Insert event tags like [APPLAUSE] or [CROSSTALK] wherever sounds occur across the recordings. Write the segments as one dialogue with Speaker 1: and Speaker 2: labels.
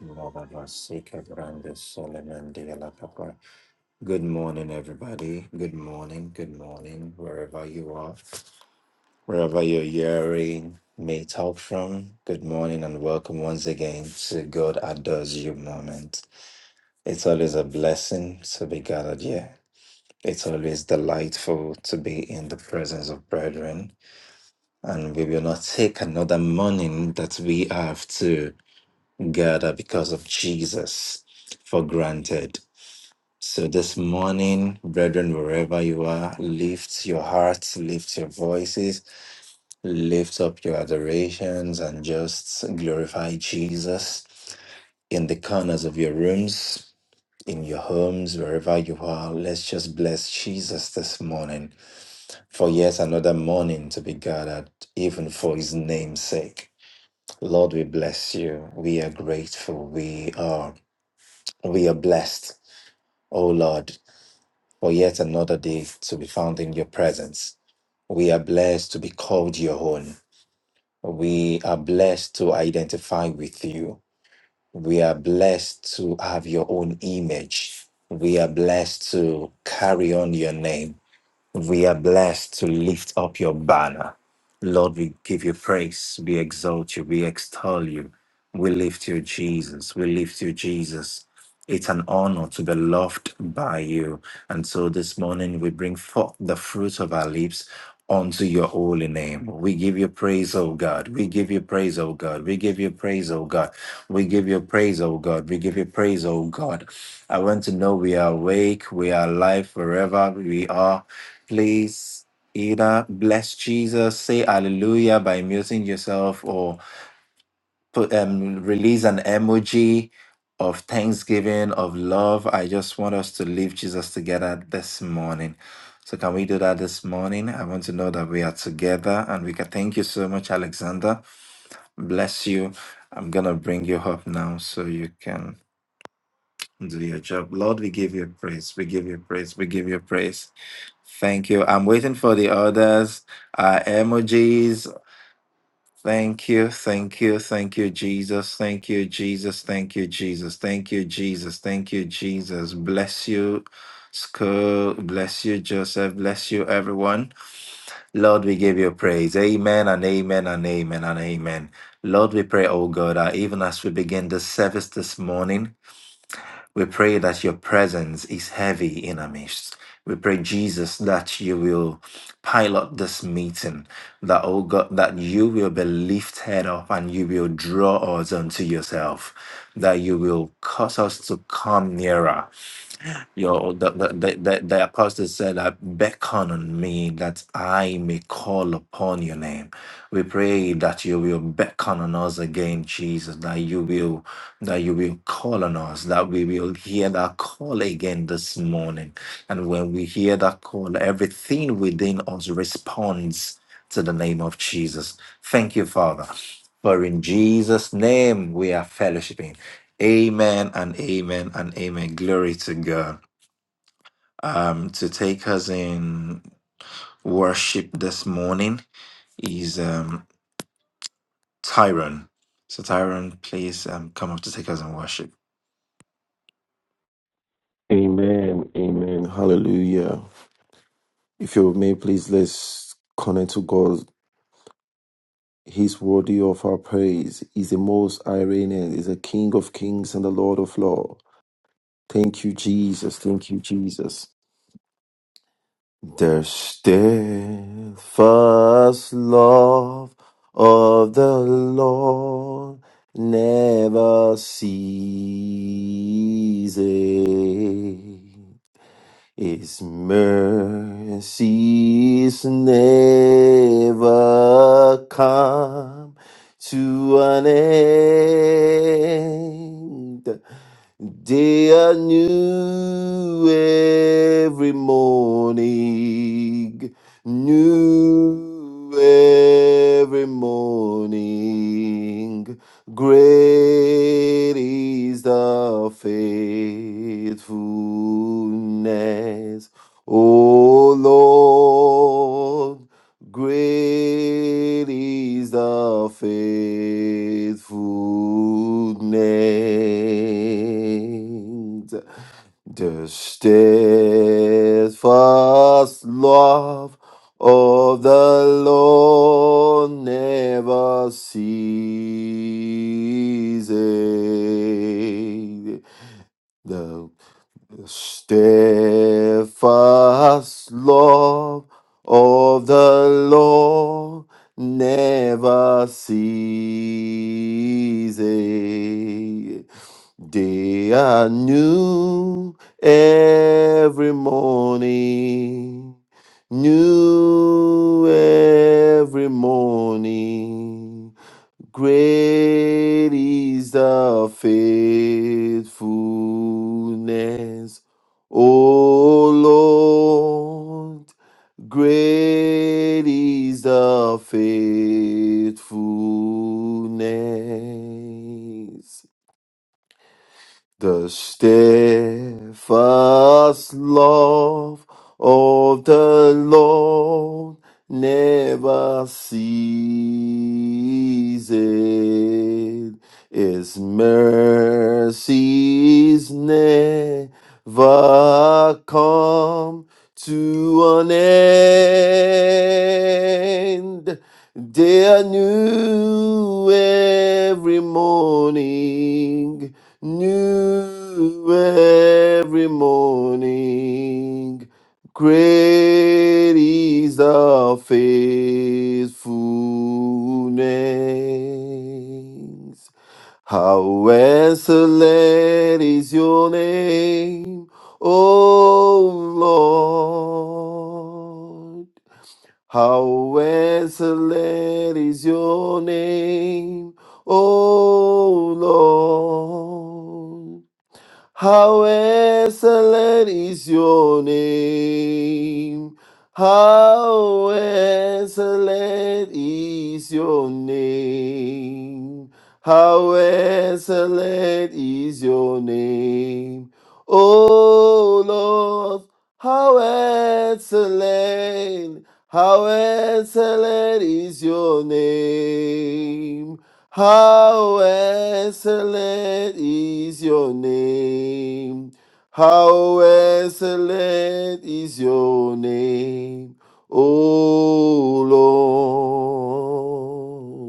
Speaker 1: Lord, I was sick of Malavasika Brandes Solemandia Lakapra. Good morning, everybody. Good morning. Good morning, wherever you are, wherever you're hearing me talk from. Good morning and welcome once again to God Adores You moment. It's always a blessing to be gathered here. It's always delightful to be in the presence of brethren, and we will not take another morning that we have to gather because of Jesus for granted. So this morning, brethren, wherever you are, lift your hearts, lift your voices, lift up your adorations, and just glorify Jesus in the corners of your rooms. In your homes, wherever you are, let's just bless Jesus this morning for yet another morning to be gathered, even for his name's sake. Lord, we bless you. We are grateful. We are we are blessed O Lord, for yet another day to be found in your presence. We are blessed to be called your own. We are blessed to identify with you. We are blessed to have your own image. We are blessed to carry on your name. We are blessed to lift up your banner. Lord, we give you praise. We exalt you. We extol you. We lift you, Jesus. We lift you, Jesus. It's an honor to be loved by you. And so this morning we bring forth the fruit of our lips unto your holy name. We give you praise, O God. We give you praise, O God. We give you praise, O God. We give you praise, O God. We give you praise, O God. I want to know we are awake, we are alive forever. We are. Please either bless Jesus, say hallelujah by muting yourself, or put um release an emoji of thanksgiving, of love. I just want us to lift Jesus together this morning. So can we do that this morning? I want to know that we are together and we can thank you so much, Alexander. Bless you. I'm gonna bring you up now so you can do your job. Lord, we give you praise. We give you praise. We give you praise. Thank you. I'm waiting for the others uh, emojis Thank you, thank you, thank you, Jesus. Thank you, Jesus. Thank you, Jesus. Thank you, Jesus. Thank you, Jesus. Bless you, school. Bless you, Joseph. Bless you, everyone. Lord, we give you praise. Amen and amen and amen and amen. Lord, we pray, oh God, that even as we begin this service this morning, we pray that your presence is heavy in our midst. We pray, Jesus, that you will pilot this meeting, that, oh God, that you will be lifted up and you will draw us unto yourself, that you will cause us to come nearer, your the, the, the, the the apostle said, "I beckon on me that I may call upon your name." We pray that you will beckon on us again, Jesus. That you will that you will call on us. That we will hear that call again this morning. And when we hear that call, everything within us responds to the name of Jesus. Thank you, Father. For in Jesus' name we are fellowshipping. Amen and amen and amen. Glory to God um, to take us in worship this morning is um, Tyrone. So, Tyrone, please um, come up to take us in worship.
Speaker 2: Amen. Amen. Hallelujah. If you may, please let's connect to God. He's worthy of our praise. He's the most Iranian. He's the King of kings and the Lord of lords. Thank you, Jesus. Thank you, Jesus. The steadfast love of the Lord never ceases. His mercies never come to an end. They are new every morning, new every morning. Great is the faithfulness, O Lord. Great is the faithfulness. The steadfast love of the Lord never ceases. The the steadfast love of the Lord never ceases. They are new every morning, new every morning. Great is the faithfulness, O Lord. Great is the faithfulness. The steadfast love of the Lord never ceases. His mercies never come come to an end. They are new every morning, new every morning. Great is the faithfulness. How excellent is your name. O Lord, how excellent is your name, O Lord. How excellent is your name. How excellent is your name. How excellent is your name. Oh Lord, how excellent, how excellent is your name. How excellent is your name. How excellent is your name, O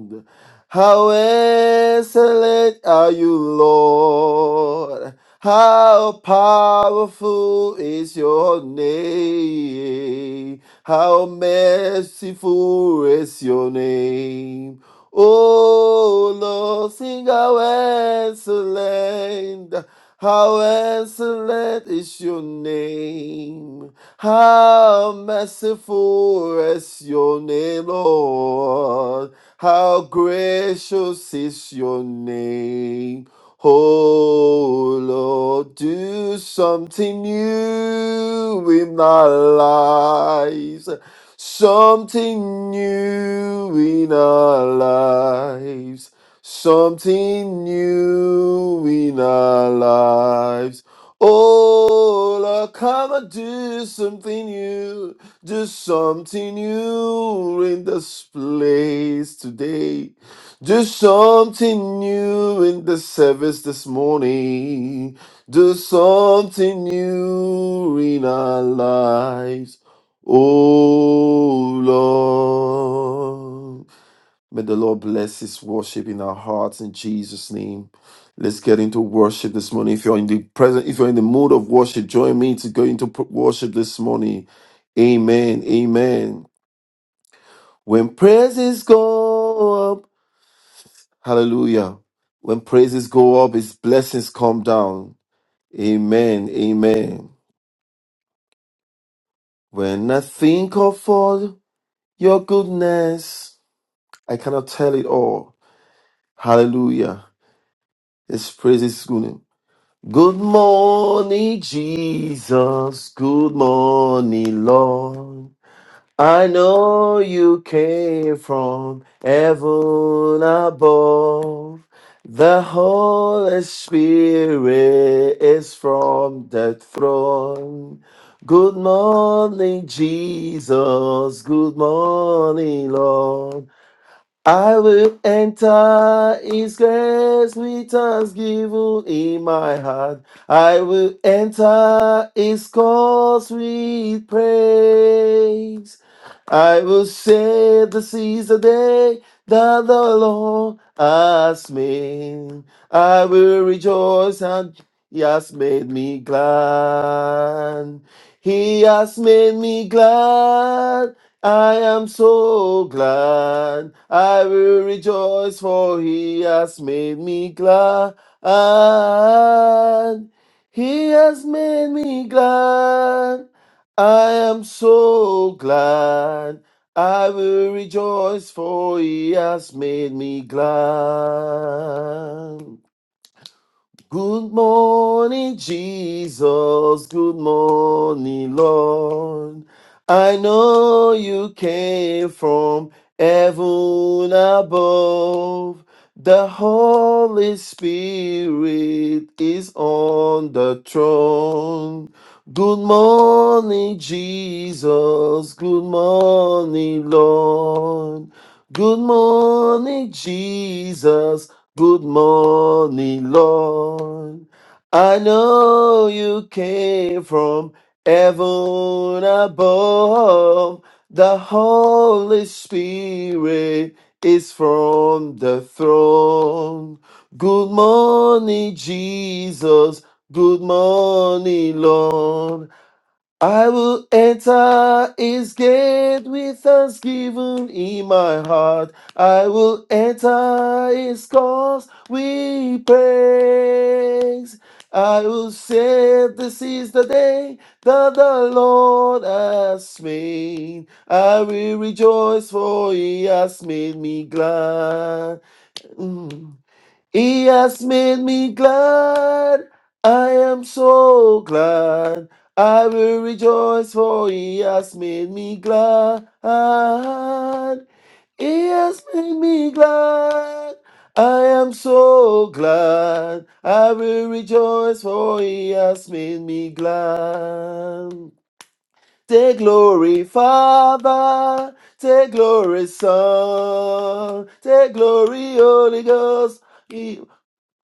Speaker 2: Lord. How excellent are you, Lord. How powerful is your name. How merciful is your name. O Lord, sing how excellent, how excellent is your name. How merciful is your name, Lord. How gracious is your name. Oh Lord, do something new in our lives, something new in our lives, something new in our lives. Oh Lord, come and do something new, do something new in this place today. Do something new in the service this morning. Do something new in our lives. Oh Lord. May the Lord bless his worship in our hearts in Jesus' name. Let's get into worship this morning. If you're in the present, if you're in the mood of worship, join me to go into pr- worship this morning. Amen. Amen. When praises go up. Hallelujah. When praises go up, his blessings come down. Amen. Amen. When I think of all your goodness, I cannot tell it all. Hallelujah. His praises good. Good morning, Jesus. Good morning, Lord. I know you came from heaven above. The Holy Spirit is from the throne. Good morning, Jesus. Good morning, Lord. I will enter his grace with thanksgiving in my heart. I will enter his cause with praise. I will say, This is the day that the Lord has made. I will rejoice and he has made me glad. He has made me glad. I am so glad. I will rejoice, for he has made me glad. He has made me glad. I am so glad. I will rejoice, for he has made me glad. Good morning, Jesus. Good morning, Lord. I know you came from heaven above. The Holy Spirit is on the throne. Good morning, Jesus. Good morning, Lord. Good morning, Jesus. Good morning, Lord. I know you came from heaven above. The Holy Spirit is from the throne. Good morning, Jesus. Good morning, Lord. I will enter his gate with thanksgiving in my heart. I will enter his cause with praise. I will say, This is the day that the Lord has made. I will rejoice, for he has made me glad. Mm. He has made me glad. I am so glad. I will rejoice, for He has made me glad. He has made me glad. I am so glad. I will rejoice, for He has made me glad. Take glory, Father. Take glory, Son. Take glory, Holy Ghost.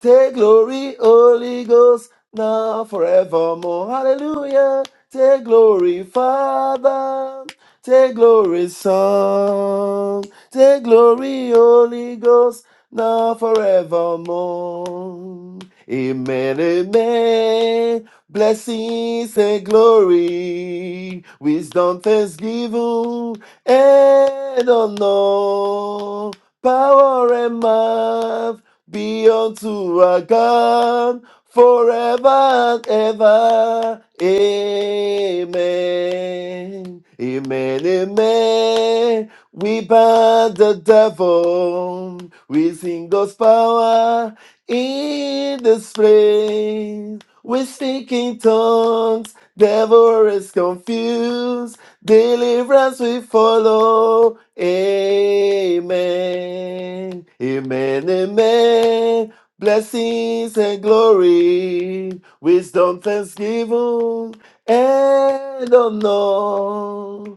Speaker 2: Take glory, Holy Ghost, now forevermore. Hallelujah. Take glory, Father. Take glory, Son. Take glory, Holy Ghost, now forevermore. Amen, amen. Blessings and glory, wisdom, thanksgiving, and honor, power and might be unto our God forever and ever. Amen. Amen. Amen. We bind the devil. We sing God's power in this place. We speak in tongues. Devil is confused. Deliverance we follow. Amen. Amen. Amen. Blessings and glory, wisdom, thanksgiving, and honor. [LAUGHS]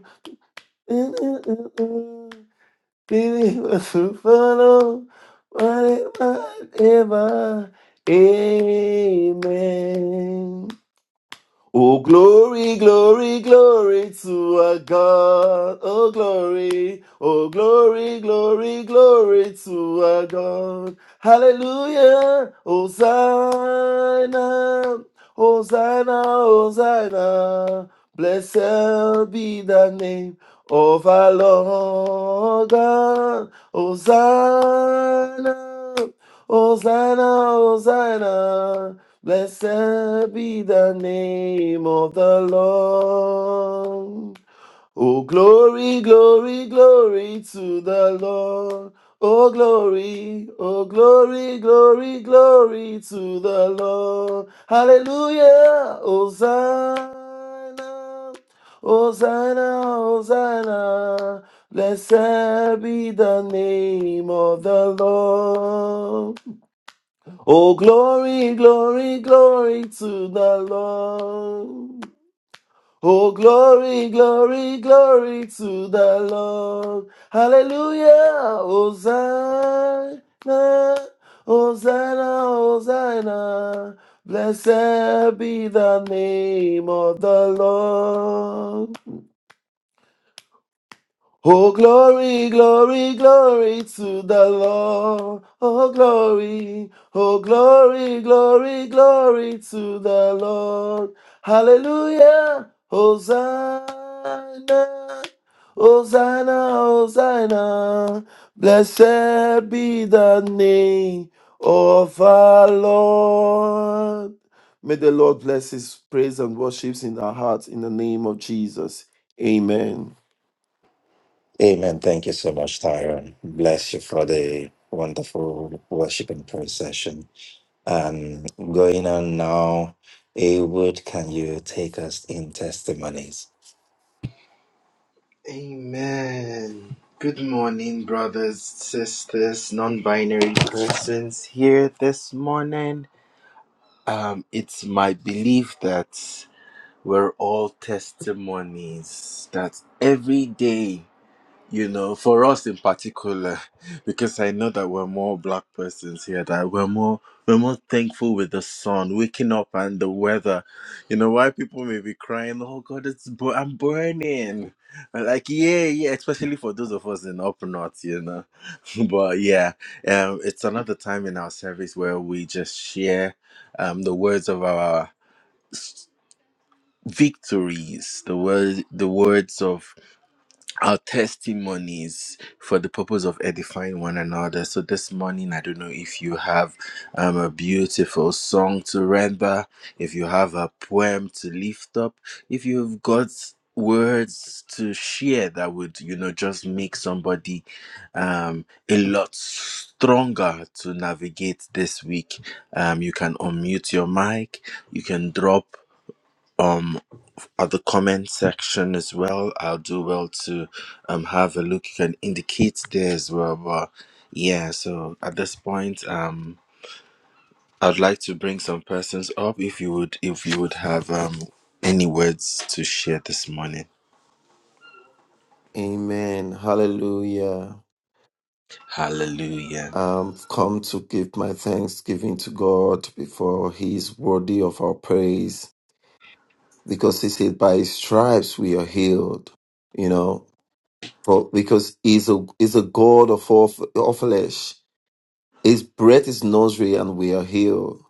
Speaker 2: Mm-mm-mm-mm. Deliverance we follow. Whatever, ever. Amen. Oh, glory, glory, glory to our God. Oh, glory. Oh, glory, glory, glory to our God. Hallelujah. Hosanna. Hosanna, Hosanna. Blessed be the name of our Lord God. Hosanna. Hosanna, Hosanna. Blessed be the name of the Lord. Oh, glory, glory, glory to the Lord. Oh, glory, oh, glory, glory, glory to the Lord. Hallelujah, Hosanna, Hosanna, Hosanna. Blessed be the name of the Lord. Oh, glory, glory, glory to the Lord. Oh, glory, glory, glory to the Lord. Hallelujah, Hosanna, Hosanna, Hosanna. Blessed be the name of the Lord. Oh, glory, glory, glory to the Lord. Oh, glory, oh, glory, glory, glory to the Lord. Hallelujah, Hosanna, Hosanna, Hosanna. Blessed be the name of our Lord. May the Lord bless his praise and worships in our hearts in the name of Jesus. Amen.
Speaker 1: Amen. Thank you so much, Tyrone. Bless you for the wonderful worship and prayer session. Um, going on now, Awood, can you take us in testimonies?
Speaker 3: Amen. Good morning, brothers, sisters, non binary persons here this morning. Um, it's my belief that we're all testimonies, that every day you know, for us in particular, [LAUGHS] because I know that we're more black persons here, that we're more we're more thankful with the sun, waking up and the weather. You know, why people may be crying, oh God, it's bu- I'm burning. And like, yeah, yeah, especially for those of us in up north, you know. [LAUGHS] but yeah, um, it's another time in our service where we just share um the words of our victories, the word the words of our testimonies for the purpose of edifying one another. So this morning, I don't know if you have um, a beautiful song to render, if you have a poem to lift up, if you've got words to share that would you know just make somebody um a lot stronger to navigate this week um you can unmute your mic you can drop um, at the comment section as well. I'll do well to um have a look. You can indicate there as well. But yeah, so at this point, um, I'd like to bring some persons up if you would if you would have um any words to share this morning.
Speaker 2: Amen. Hallelujah.
Speaker 3: Hallelujah.
Speaker 2: I've come to give my thanksgiving to God before He is worthy of our praise because He said, By His stripes we are healed. You know, for, because He's a, he's a God of all, f- all flesh. His breath is nursery and we are healed.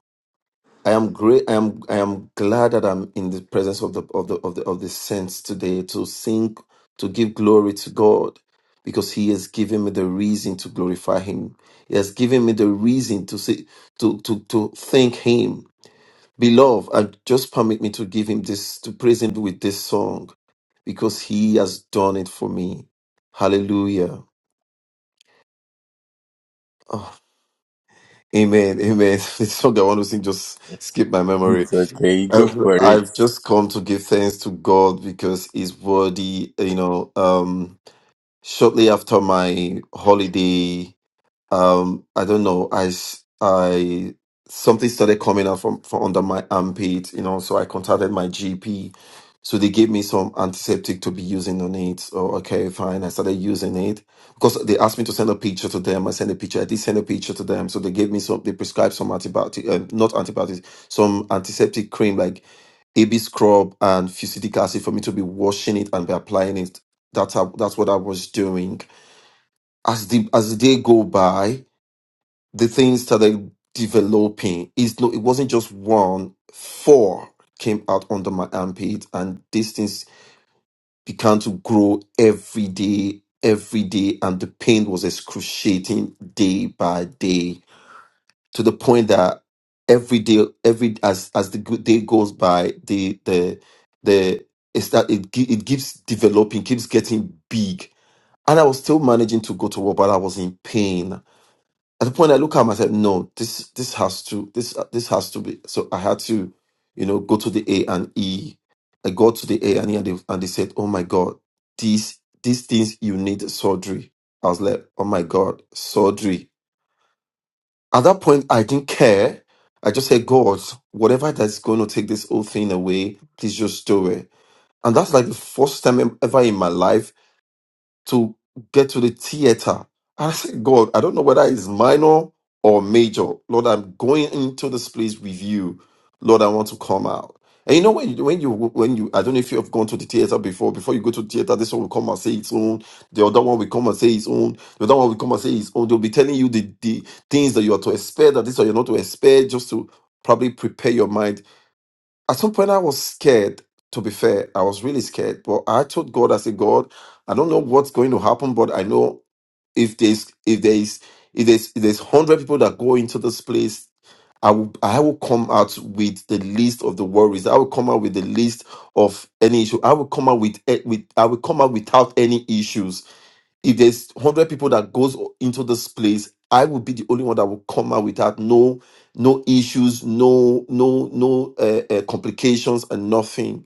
Speaker 2: I am great. I am. I am glad that I'm in the presence of the of the of the of the saints today to sing, to give glory to God, because He has given me the reason to glorify Him. He has given me the reason to say to to to thank Him. Beloved, and just permit me to give Him this to praise Him with this song, because He has done it for me. Hallelujah. Ah. Amen. Amen. [LAUGHS] This song I want to sing just skip my memory.
Speaker 3: It's okay, you
Speaker 2: Uh,
Speaker 3: go for it.
Speaker 2: I've just come to give thanks to God because He's worthy. You know, um, shortly after my holiday um i don't know i s- I- something started coming out from from under my armpit you know so i contacted my gp so they gave me some antiseptic to be using on it so okay fine i started using it because they asked me to send a picture to them i sent a picture i did send a picture to them so they gave me some they prescribed some antibiotic uh, not antibiotics some antiseptic cream like ab scrub and fusidic acid for me to be washing it and be applying it that's how, that's what i was doing as the as the day go by the things that they're developing is no it wasn't just one four came out under my armpit and these things began to grow every day every day and the pain was excruciating day by day to the point that every day every as as the good day goes by the the the it's that it, gi- it keeps developing keeps getting big and i was still managing to go to work but i was in pain at the point I look at him, I said, no, this this has to this this has to be. So I had to, you know, go to the A and E. I got to the A and E, and they, and they said, oh my God, these these things you need surgery. I was like, oh my God, surgery. At that point, I didn't care. I just said, God, whatever that's going to take this whole thing away, please just do it. And that's like the first time em- ever in my life to get to the theater. And I said, God, I don't know whether it's minor or major. Lord, I'm going into this place with you. Lord, I want to come out. And you know when you when you when you I don't know if you have gone to the theater before. Before you go to the theater, this one will come and say its own. The other one will come and say its own. The other one will come and say its own. They'll be telling you the, the things that you are to expect, that this or you're not to expect, just to probably prepare your mind at some point, I was scared. To be fair, I was really scared. But I told God, I said, God, I don't know what's going to happen, but I know if there's if there's if there's if there's hundred people that go into this place, I will I will come out with the list of the worries. I will come out with the list of any issue. I will come out with eh, with I will come out without any issues if there's 100 people that goes into this place i will be the only one that will come out without no no issues no no no uh, uh, complications and nothing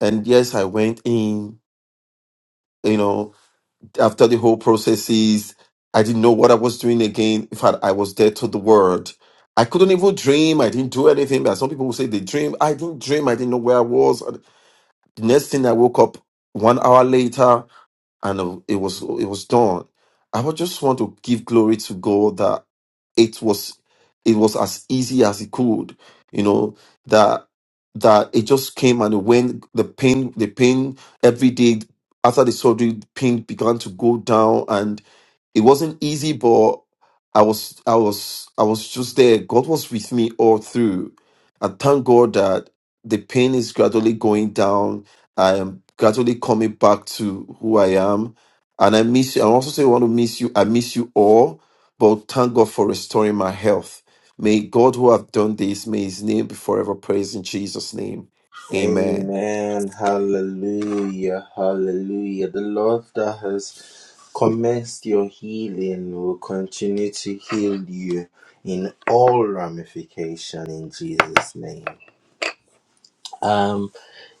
Speaker 2: and yes i went in you know after the whole processes i didn't know what i was doing again in fact i was dead to the world i couldn't even dream i didn't do anything but some people will say they dream i didn't dream i didn't know where i was the next thing i woke up one hour later and uh, it was it was done. I would just want to give glory to God that it was it was as easy as it could, you know that that it just came and when the pain the pain every day after the surgery pain began to go down it wasn't easy, but I was I was I was just there. God was with me all through. And thank God that the pain is gradually going down. I am gradually coming back to who I am. And I miss you. I also say I want to miss you. I miss you all, but thank God for restoring my health. May God who have done this, may his name be forever praised in Jesus' name. Amen.
Speaker 3: Amen. Hallelujah. Hallelujah. The Lord that has commenced your healing will continue to heal you in all ramification in Jesus' name. Um,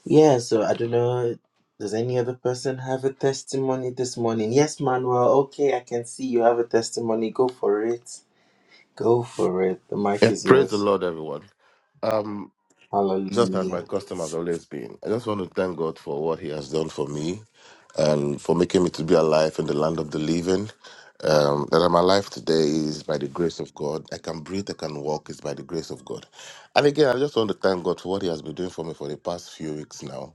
Speaker 3: yeah, so I don't know. Does any other person have a testimony this morning? Yes, Manuel. Okay, I can see you have a testimony. Go for it. Go for it. The mic
Speaker 4: Yeah,
Speaker 3: is
Speaker 4: praise the
Speaker 3: yours.
Speaker 4: Lord, everyone. Um, just as my
Speaker 3: Hallelujah.
Speaker 4: custom has always been, I just want to thank God for what He has done for me and for making me to be alive in the land of the living. Um, that I'm alive today is by the grace of God. I can breathe, I can walk, is by the grace of God. And again, I just want to thank God for what He has been doing for me for the past few weeks now.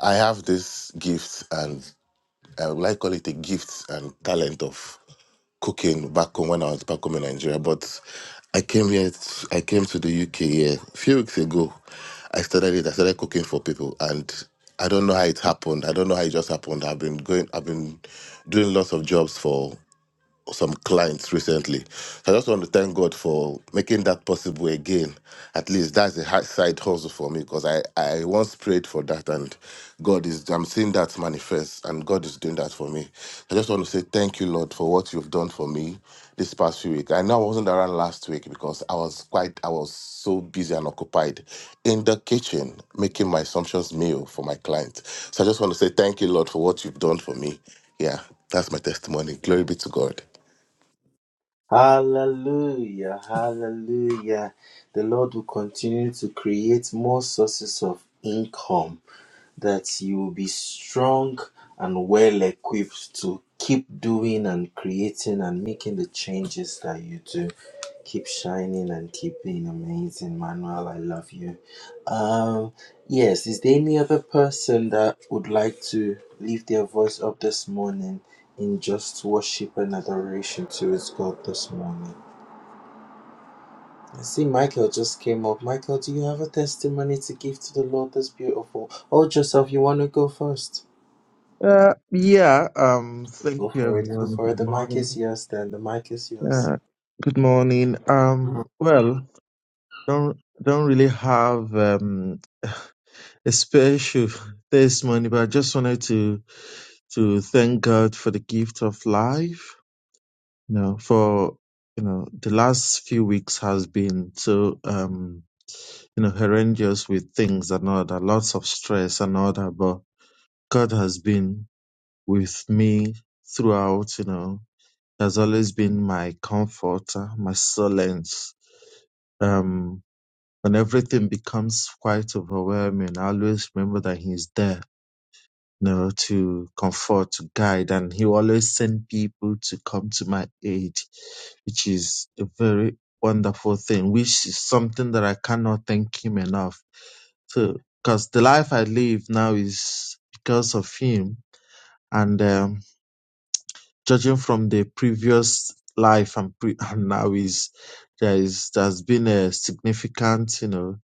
Speaker 4: I have this gift, and I would like call it a gift and talent of cooking back home when I was back home in Nigeria. But I came here, t- I came to the UK here a few weeks ago. I started it, I started cooking for people and I don't know how it happened. I don't know how it just happened. I've been going, I've been doing lots of jobs for some clients recently. So I just want to thank God for making that possible again. At least that's a hard side hustle for me because I, I once prayed for that and God is, I'm seeing that manifest and God is doing that for me. I just want to say thank you, Lord, for what you've done for me this past few weeks. I know I wasn't around last week because I was quite, I was so busy and occupied in the kitchen making my assumptions meal for my client. So I just want to say thank you, Lord, for what you've done for me. Yeah, that's my testimony. Glory be to God.
Speaker 3: Hallelujah, hallelujah. The Lord will continue to create more sources of income that you will be strong and well equipped to keep doing and creating and making the changes that you do. Keep shining and keep being amazing, Manuel. I love you. Um. Yes, is there any other person that would like to lift their voice up this morning in just worship and adoration towards God this morning? I see Michael just came up. Michael, do you have a testimony to give to the Lord this beautiful? Oh, Joseph, you want to go first?
Speaker 5: Uh, yeah, um, thank
Speaker 3: Go
Speaker 5: you
Speaker 3: for it, go
Speaker 5: everyone.
Speaker 3: for it.
Speaker 5: Good
Speaker 3: The mic is
Speaker 5: morning.
Speaker 3: yours then. The mic is yours.
Speaker 5: Yeah, good morning. Um, well, don't don't really have um a special this morning, but I just wanted to to thank God for the gift of life. You know, for you know, the last few weeks has been so um you know horrendous with things and all that, lots of stress and all that, but God has been with me throughout. You know, has always been my comforter, my solace. Um, when everything becomes quite overwhelming, I always remember that he's there, you know, to comfort, to guide, and he always send people to come to my aid, which is a very wonderful thing, which is something that I cannot thank him enough. So, because the life I live now is because of him, and um, judging from the previous life and pre [LAUGHS] and now is there is there's been a significant you know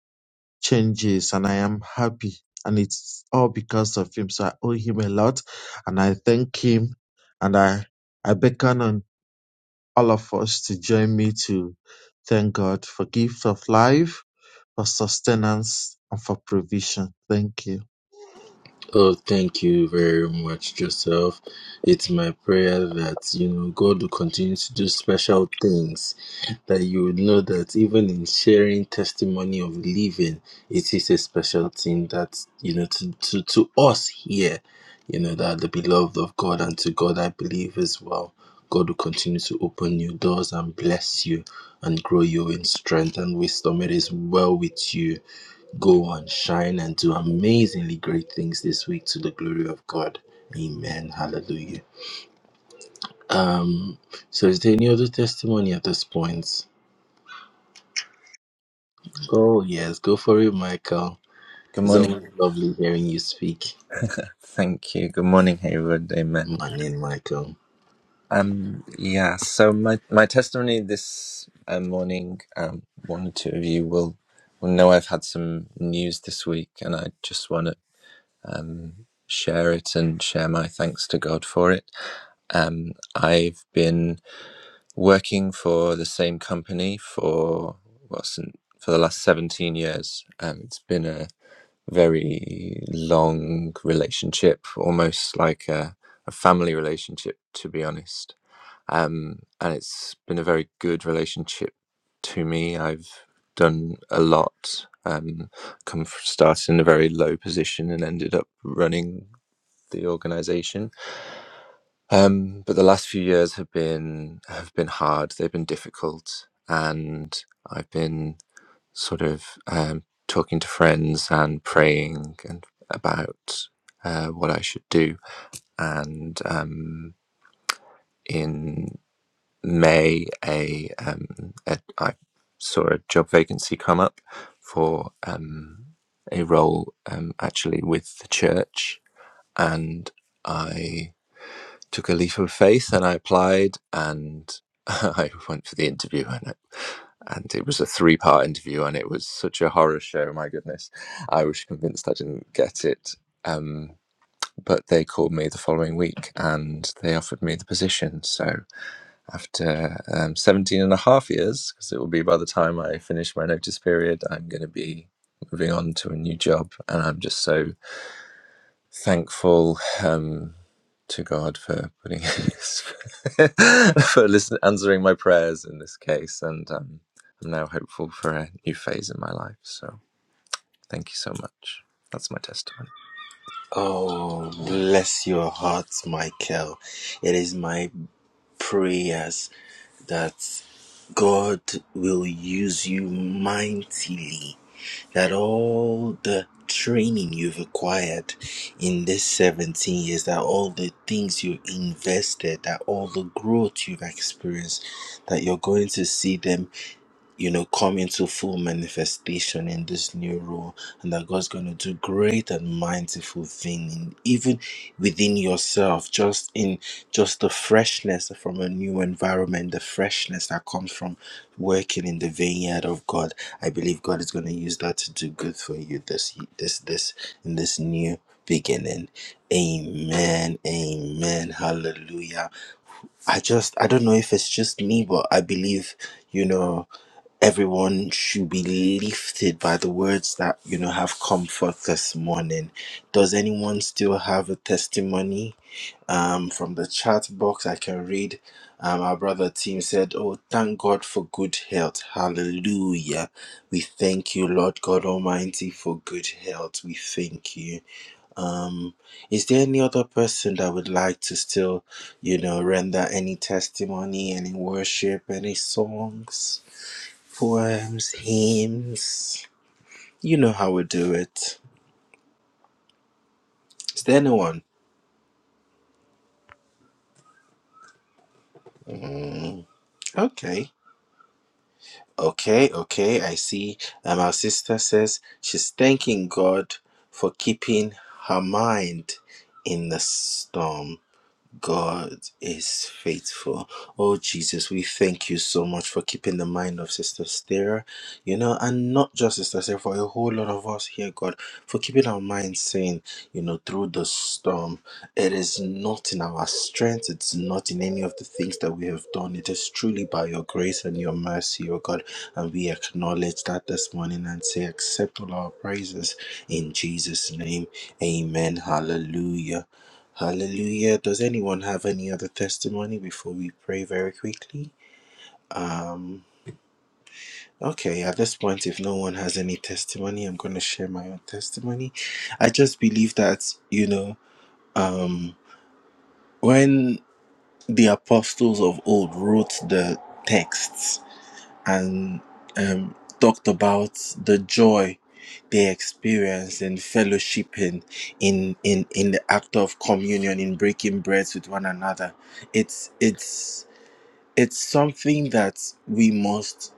Speaker 5: changes and I am happy and it's all because of him so I owe him a lot and I thank him and I I beckon on all of us to join me to thank God for gift of life for sustenance and for provision thank you
Speaker 3: Oh, thank you very much, Joseph. It's my prayer that, you know, God will continue to do special things, that you would know that even in sharing testimony of living, it is a special thing that, you know, to, to, to us here, you know, that the beloved of God and to God, I believe as well. God will continue to open new doors and bless you and grow you in strength and wisdom. It is well with you Go and shine and do amazingly great things this week to the glory of God. Amen. Hallelujah. Um, so is there any other testimony at this point? Oh yes, go for it, Michael.
Speaker 6: Good
Speaker 3: It's
Speaker 6: morning.
Speaker 3: always lovely hearing you speak.
Speaker 6: Thank you. Good morning, Hayward. Amen.
Speaker 3: Morning, Michael.
Speaker 6: Um, yeah. So my my testimony this uh, morning, um, one or two of you will will know I've had some news this week, and I just want to um share it and share my thanks to God for it. Um, I've been working for the same company for well, since, for the last seventeen years. Um, it's been a very long relationship, almost like a, a family relationship, to be honest. Um, and it's been a very good relationship to me. I've done a lot. Um, come from started in a very low position and ended up running the organization. Um, but the last few years have been have been hard. They've been difficult, and I've been sort of um, talking to friends and praying and about uh, what I should do. And um, in May, a, um, a I saw a job vacancy come up for um, a role um, actually with the church, and I took a leap of faith and I applied and [LAUGHS] I went for the interview and it, and it was a three part interview and it was such a horror show. My goodness, I was convinced I didn't get it. Um, but they called me the following week and they offered me the position. So after um, 17 and a half years, because it will be by the time I finish my notice period, I'm going to be moving on to a new job and I'm just so thankful. Um, to God for putting [LAUGHS] for listen, answering my prayers in this case, and um, I'm now hopeful for a new phase in my life. So thank you so much. That's my testimony.
Speaker 3: Oh, bless your heart, Michael. It is my prayers that God will use you mightily that all the training you've acquired in this 17 years, that all the things you invested, that all the growth you've experienced, that you're going to see them you know, come into full manifestation in this new role, and that God's going to do great and mindful thing, in, even within yourself, just in just the freshness from a new environment, the freshness that comes from working in the vineyard of God. I believe God is going to use that to do good for you this this this in this new beginning. Amen. Amen. Hallelujah. I just I don't know if it's just me, but I believe you know everyone should be lifted by the words that you know have come forth this morning does anyone still have a testimony um from the chat box i can read um, our brother team said oh thank god for good health hallelujah we thank you lord god almighty for good health we thank you um is there any other person that would like to still you know render any testimony any worship any songs Poems, hymns. You know how we do it. Is there anyone? Okay. Okay, okay, I see. And our sister says she's thanking God for keeping her mind in the storm. God is faithful. Oh, Jesus, we thank you so much for keeping the mind of Sister Stera, you know, and not just Sister Stera, for a whole lot of us here, God, for keeping our minds sane, you know, through the storm. It is not in our strength, it's not in any of the things that we have done. It is truly by your grace and your mercy, oh God. And we acknowledge that this morning and say, accept all our praises in Jesus' name. Amen. Hallelujah. Hallelujah. Does anyone have any other testimony before we pray very quickly? Um okay, at this point if no one has any testimony, I'm going to share my own testimony. I just believe that, you know, um when the apostles of old wrote the texts, and um, talked about the joy they experience in fellowshipping in in in the act of communion in breaking breads with one another it's it's it's something that we must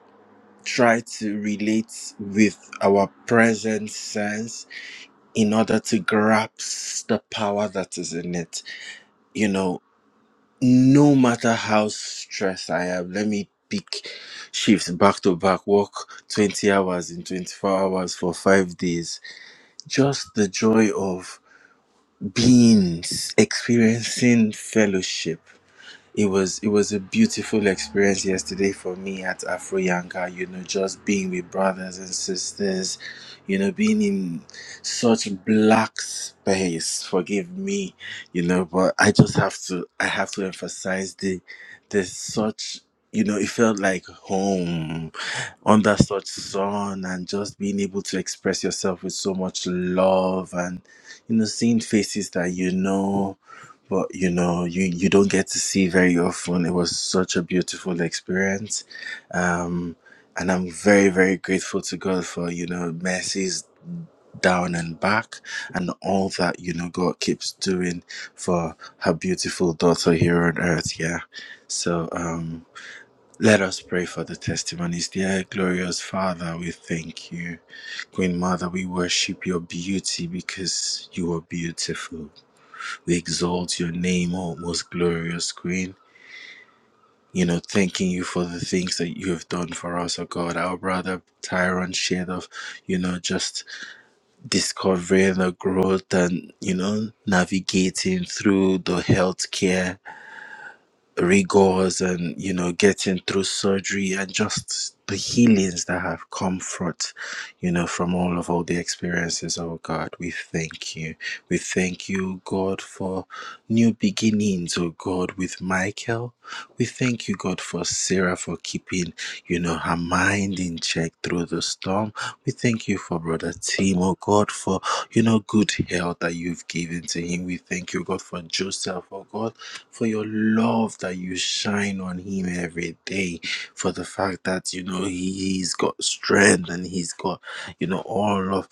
Speaker 3: try to relate with our present sense in order to grasp the power that is in it you know no matter how stressed I am, let me pick shifts back to back, work 20 hours in 24 hours for five days. Just the joy of being, experiencing fellowship it was it was a beautiful experience yesterday for me at Afro Yanga. you know, just being with brothers and sisters, you know, being in such black space. Forgive me, you know, but I just have to I have to emphasize the there's such you know, it felt like home under such sun and just being able to express yourself with so much love and you know seeing faces that you know but you know you you don't get to see very often it was such a beautiful experience um and i'm very very grateful to god for you know mercies down and back and all that you know god keeps doing for her beautiful daughter here on earth yeah so um let us pray for the testimonies. Dear glorious Father, we thank you. Queen Mother, we worship your beauty because you are beautiful. We exalt your name, O most glorious Queen. You know, thanking you for the things that you have done for us, oh God. Our brother Tyrone shared of, you know, just discovering the growth and, you know, navigating through the healthcare rigors and you know getting through surgery and just the healings that have come forth you know from all of all the experiences oh god we thank you we thank you god for new beginnings oh god with michael we thank you god for sarah for keeping you know her mind in check through the storm we thank you for brother tim oh god for you know good health that you've given to him we thank you god for joseph oh god for your love that you shine on him every day, for the fact that, you know, he, he's got strength and he's got, you know, all of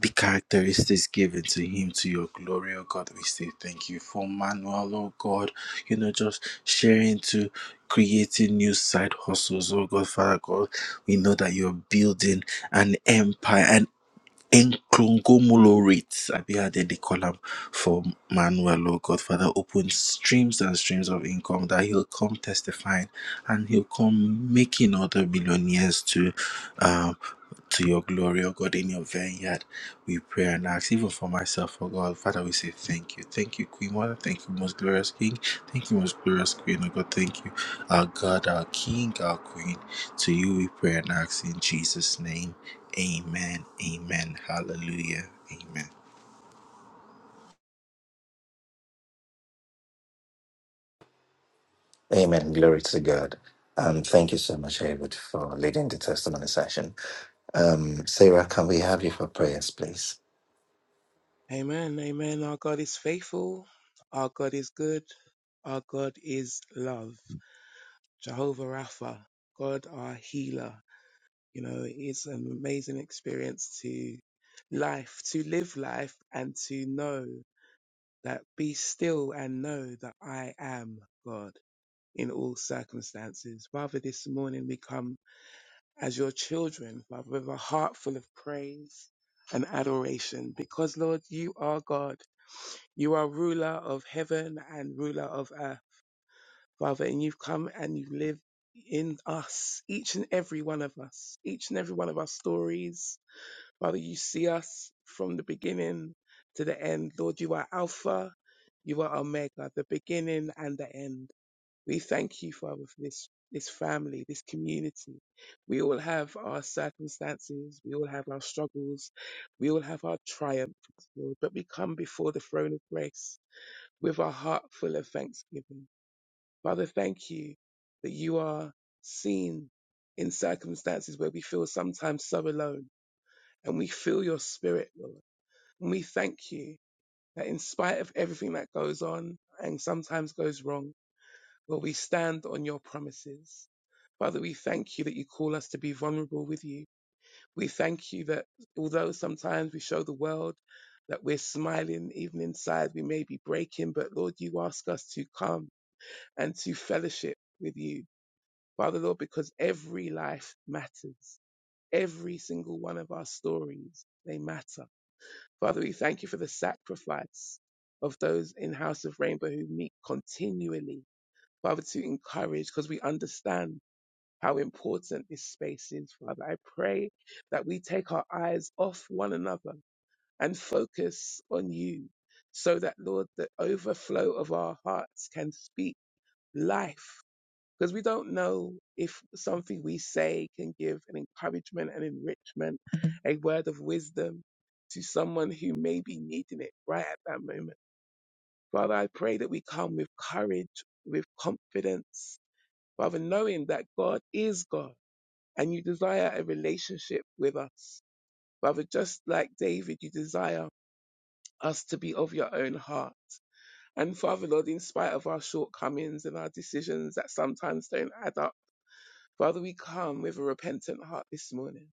Speaker 3: the characteristics given to him to your glory, oh God. We say thank you for Manuel, oh God, you know, just sharing to creating new side hustles, oh God, Father God. We know that you're building an empire, an Incongomulates, I be added the column for Manuel, oh God, open streams and streams of income that he'll come testifying and he'll come making other billionaires to um to your glory, oh God, in your vineyard. We pray and ask, even for myself, oh God. Father, we say thank you. Thank you, Queen Mother. Thank you, most glorious King. Thank you, most glorious Queen, oh God. Thank you, our God, our King, our Queen. To you we pray and ask in Jesus' name. Amen. Amen. Hallelujah. Amen.
Speaker 1: Amen. Glory to God. Um, thank you so much, Awood, for leading the testimony session. Um, Sarah, can we have you for prayers, please?
Speaker 7: Amen. Amen. Our God is faithful. Our God is good. Our God is love. Jehovah Rapha, God our healer. You know, it's an amazing experience to life, to live life and to know that be still and know that I am God in all circumstances. Father, this morning we come as your children, Father, with a heart full of praise and adoration because, Lord, you are God You are ruler of heaven and ruler of earth, Father, and you've come and you've lived in us, each and every one of us, each and every one of our stories. Father, you see us from the beginning to the end. Lord, you are Alpha, you are Omega, the beginning and the end. We thank you, Father, for this, this family, this community. We all have our circumstances. We all have our struggles. We all have our triumphs, Lord, but we come before the throne of grace with a heart full of thanksgiving. Father, thank you that you are seen in circumstances where we feel sometimes so alone and we feel your spirit, Lord. And we thank you that in spite of everything that goes on and sometimes goes wrong, Lord, we stand on your promises. Father, we thank you that you call us to be vulnerable with you. We thank you that although sometimes we show the world that we're smiling, even inside we may be breaking, but Lord, you ask us to come and to fellowship with you, Father Lord, because every life matters. Every single one of our stories, they matter. Father, we thank you for the sacrifice of those in House of Rainbow who meet continually, Father, to encourage, because we understand how important this space is, Father. I pray that we take our eyes off one another and focus on you so that, Lord, the overflow of our hearts can speak life because we don't know if something we say can give an encouragement and enrichment, a word of wisdom to someone who may be needing it right at that moment. Father, I pray that we come with courage, with confidence, Father, knowing that God is God and you desire a relationship with us. Father, just like David, you desire us to be of your own heart. And Father, Lord, in spite of our shortcomings and our decisions that sometimes don't add up Father, we come with a repentant heart this morning.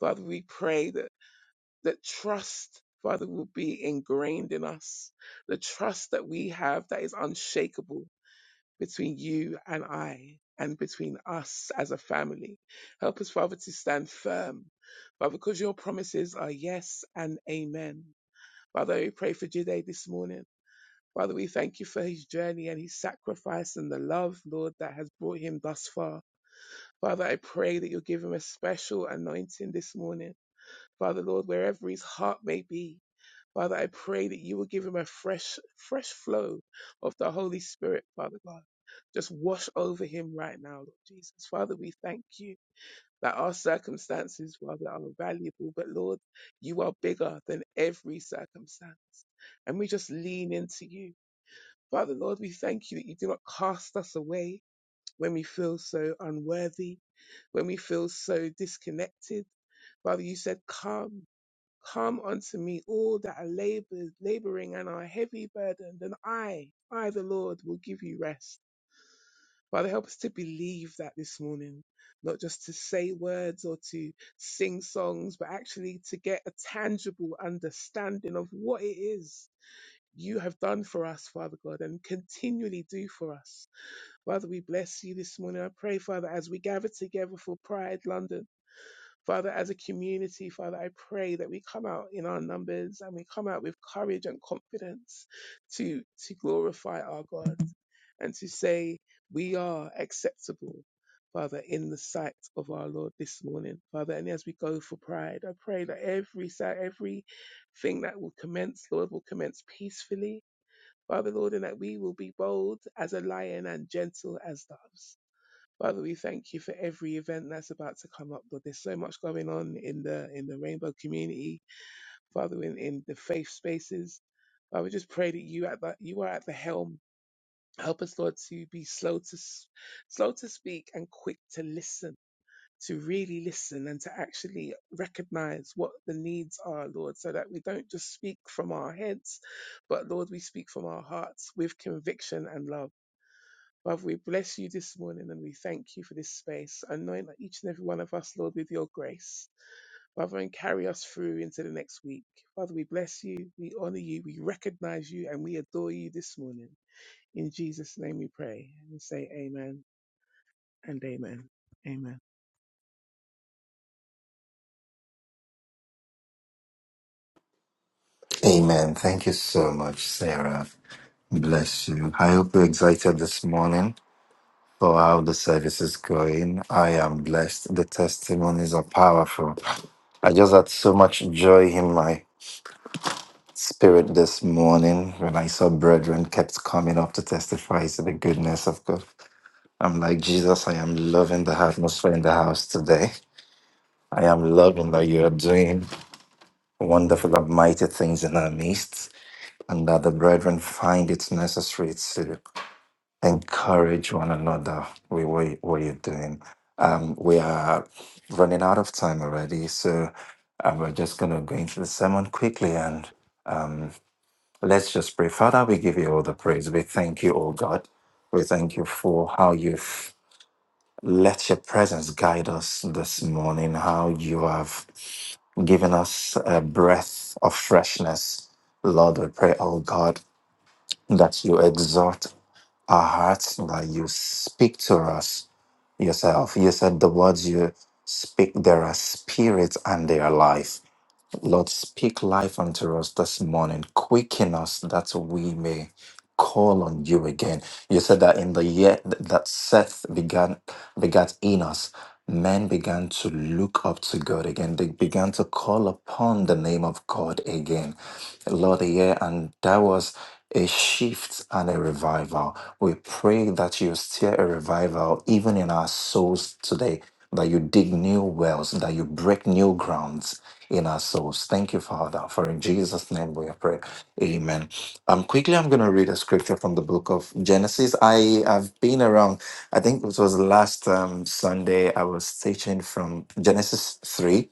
Speaker 7: Father, we pray that, that trust, Father, will be ingrained in us. The trust that we have that is unshakable between you and I and between us as a family. Help us, Father, to stand firm. Father, because your promises are yes and amen. Father, we pray for Jide this morning. Father, we thank you for his journey and his sacrifice and the love, Lord, that has brought him thus far. Father, I pray that you'll give him a special anointing this morning. Father, Lord, wherever his heart may be, Father, I pray that you will give him a fresh, fresh flow of the Holy Spirit, Father God. Just wash over him right now, Lord Jesus. Father, we thank you that our circumstances, Father, are valuable, but Lord, you are bigger than every circumstance. And we just lean into you. Father, Lord, we thank you that you do not cast us away when we feel so unworthy, when we feel so disconnected. Father, you said, Come, come unto me, all that are labored, laboring and are heavy burdened, and I, I the Lord, will give you rest. Father, help us to believe that this morning, not just to say words or to sing songs, but actually to get a tangible understanding of what it is you have done for us, Father God, and continually do for us. Father, we bless you this morning. I pray, Father, as we gather together for Pride London, Father, as a community, Father, I pray that we come out in our numbers and we come out with courage and confidence to, to glorify our God and to say we are acceptable. Father, in the sight of our Lord this morning, Father, and as we go for pride, I pray that every si- everything that will commence, Lord, will commence peacefully, Father, Lord, and that we will be bold as a lion and gentle as doves. Father, we thank you for every event that's about to come up. Lord, there's so much going on in the in the rainbow community, Father, in, in the faith spaces. I would just pray that you at the, you are at the helm. Help us, Lord, to be slow to s- slow to speak and quick to listen to really listen and to actually recognize what the needs are, Lord, so that we don't just speak from our heads, but Lord, we speak from our hearts with conviction and love. Father, we bless you this morning and we thank you for this space, anoint each and every one of us, Lord, with your grace. Father, and carry us through into the next week. Father, we bless you, we honor you, we recognize you, and we adore you this morning. In Jesus' name we pray and we say amen and amen. Amen.
Speaker 1: Amen. Thank you so much, Sarah. Bless you. I hope you're excited this morning for how the service is going. I am blessed. The testimonies are powerful. I just had so much joy in my spirit this morning when I saw brethren kept coming up to testify to the goodness of God. I'm like, Jesus, I am loving the atmosphere in the house today. I am loving that you are doing wonderful and mighty things in our midst. and that the brethren find it necessary to encourage one another with what, you- what you're doing. Um, we are running out of time already, so um, we're just going to go into the sermon quickly and let's just pray. Father, we give you all the praise. We thank you, oh God. We thank you for how you've let your presence guide us this morning, how you have given us a breath of freshness. Lord, we pray, oh God, that you exhort our hearts. Like you speak to us yourself. You said the words you speak, there are spirits and they are life. Lord, speak life unto us this morning. Quicken us that we may call on you again. You said that in the year that Seth began begat Enos, men began to look up to God again. They began to call upon the name of God again. Lord, yeah, and that was a shift and a revival. We pray that you stir a revival even in our souls today, that you dig new wells, that you break new grounds in our souls. Thank you, Father, for in Jesus' name we have prayed. Amen. Um, quickly, I'm going to read a scripture from the book of Genesis. I have been around, I think it was last um, Sunday, I was teaching from Genesis 3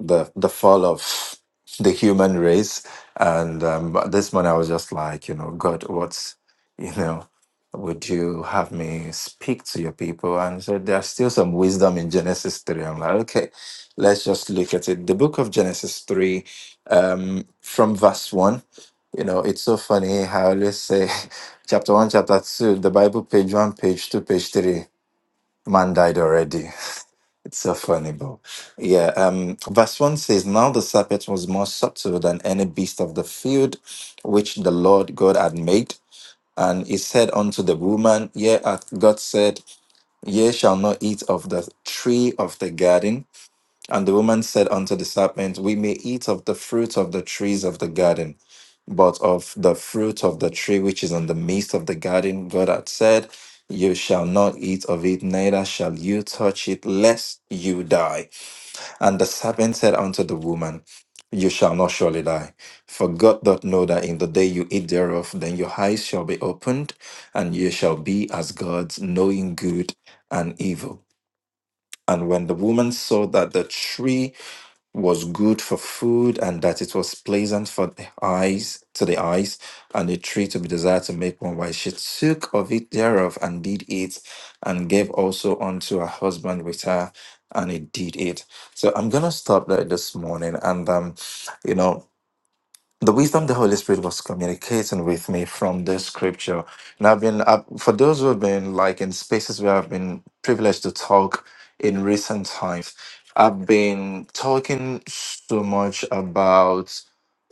Speaker 1: the the fall of the human race. And um, but this morning I was just like, you know, God, what's you know, would you have me speak to your people? And so there's still some wisdom in Genesis three. I'm like, okay, let's just look at it. The book of Genesis three, um, from verse one. You know, it's so funny how I always say [LAUGHS] chapter one, chapter two, the Bible page one, page two, page three, man died already. It's so funny, bro. Yeah, um, verse 1 says, Now the serpent was more subtle than any beast of the field which the Lord God had made. And he said unto the woman, Yea, hath God said, Ye shall not eat of the tree of the garden. And the woman said unto the serpent, We may eat of the fruit of the trees of the garden, but of the fruit of the tree which is in the midst of the garden, God hath said, You shall not eat of it, neither shall you touch it, lest you die. And the serpent said unto the woman, You shall not surely die. For God doth know that in the day you eat thereof, then your eyes shall be opened, and ye shall be as gods, knowing good and evil. And when the woman saw that the tree, was good for food and that it was pleasant for the eyes to the eyes and a tree to be desired to make one wise she took of it thereof and did eat and gave also unto her husband with her and he did it so i'm gonna stop there this morning and um you know the wisdom the Holy Spirit was communicating with me from this scripture. And I've been, i for those who have been like in spaces where I've been privileged to talk in recent times, I've been talking so much about,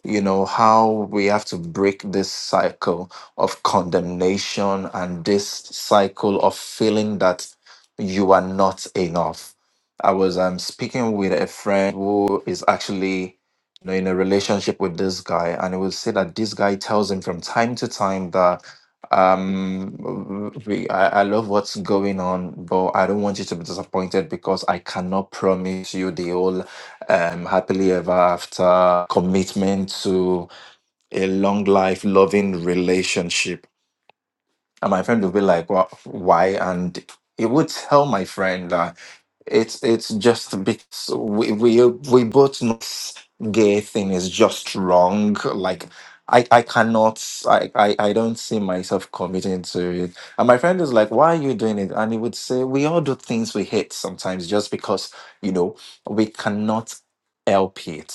Speaker 1: you know, how we have to break this cycle of condemnation and this cycle of feeling that you are not enough. I was um, speaking with a friend who is actually you know, in a relationship with this guy, and it would say that this guy tells him from time to time that um w- we, I, I love what's going on, but I don't want you to be disappointed because I cannot promise you the whole um happily ever after commitment to a long life loving relationship and my friend would be like, "Well, why?" And he would tell my friend that it's it's just because we we we both know this gay thing is just wrong. Like I I cannot I, I I don't see myself committing to it. And my friend is like, "Why are you doing it?" And he would say, "We all do things we hate sometimes, just because you know we cannot." help it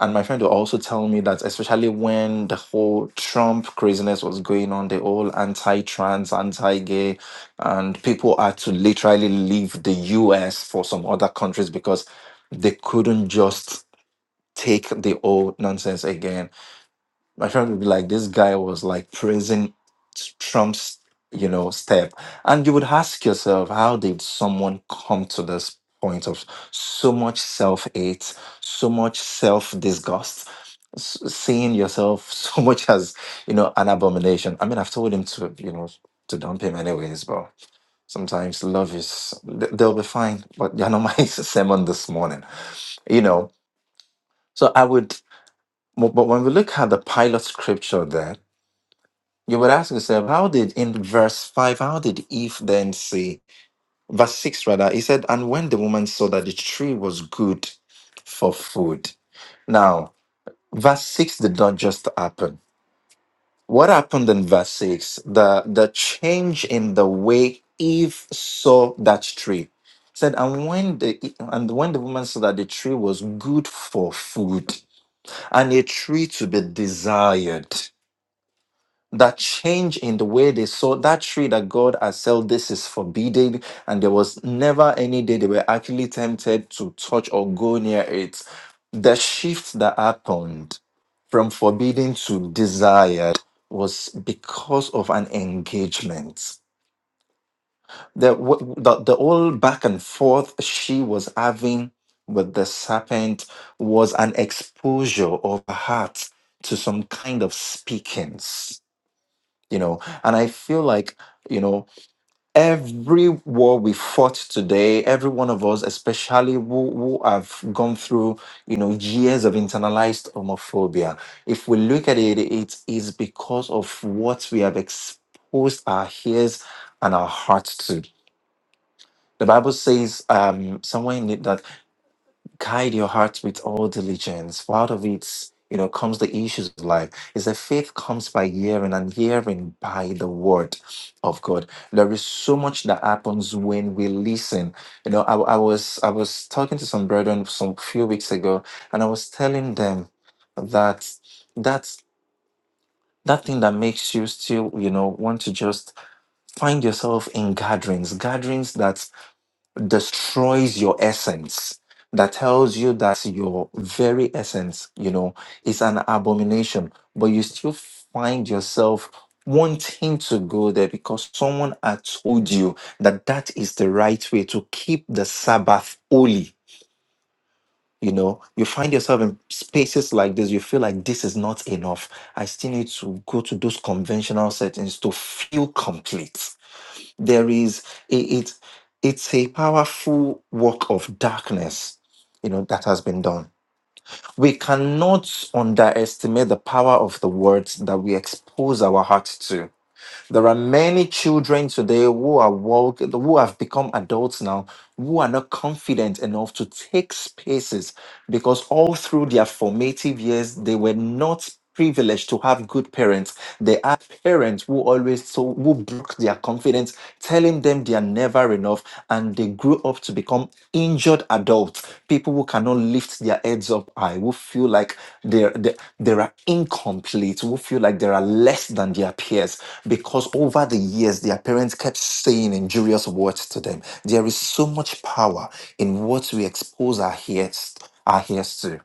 Speaker 1: and my friend will also tell me that, especially when the whole Trump craziness was going on, the whole anti trans, anti gay, and people had to literally leave the US for some other countries because they couldn't just take the old nonsense again. My friend would be like, this guy was like praising Trump's, you know, step. And you would ask yourself, how did someone come to this point of so much self hate, so much self disgust, s- seeing yourself [LAUGHS] so much as, you know, an abomination? I mean, I've told him to, you know, to dump him anyways, but sometimes love is, th- they'll be fine. But you know, [LAUGHS] my sermon this morning, you know. So I would, but but when we look at the pilot scripture there, you would ask yourself, how did in verse 5, how did Eve then say, verse 6 rather, he said, and when the woman saw that the tree was good for food. Now, verse 6 did not just happen. What happened in verse 6? The the change in the way Eve saw that tree. Said, and when the and when the woman saw that the tree was good for food and a tree to be desired. that change in the way they saw that tree that God has said this is forbidden, and there was never any day they were actually tempted to touch or go near it. The shift that happened from forbidden to desired was because of an engagement. The, w- the, the whole back and forth she was having with the serpent was an exposure of her heart to some kind of speakings you know and i feel like you know every war we fought today every one of us especially who, who have gone through you know years of internalized homophobia if we look at it it is because of what we have exposed our ears and our hearts to the bible says um somewhere in it that guide your heart with all diligence. For out of it, you know, comes the issues of life. Is that faith comes by hearing and hearing by the word of God. There is so much that happens when we listen. You know, I, I was I was talking to some brethren some few weeks ago, and I was telling them that that's that thing that makes you still, you know, want to just find yourself in gatherings, gatherings that destroys your essence that tells you that your very essence you know is an abomination but you still find yourself wanting to go there because someone had told you that that is the right way to keep the sabbath holy you know you find yourself in spaces like this you feel like this is not enough i still need to go to those conventional settings to feel complete there is it, it it's a powerful work of darkness you know that has been done we cannot underestimate the power of the words that we expose our hearts to there are many children today who are walk, who have become adults now, who are not confident enough to take spaces because all through their formative years, they were not privileged to have good parents. They are parents who always so who broke their confidence, telling them they are never enough, and they they grow up to become injured adults, people who cannot lift their heads up high, who feel like they're, they they are incomplete, who feel like they are less than their peers, because over the years, their parents kept saying injurious words to them. There is so much power in what we expose our ears, our ears to.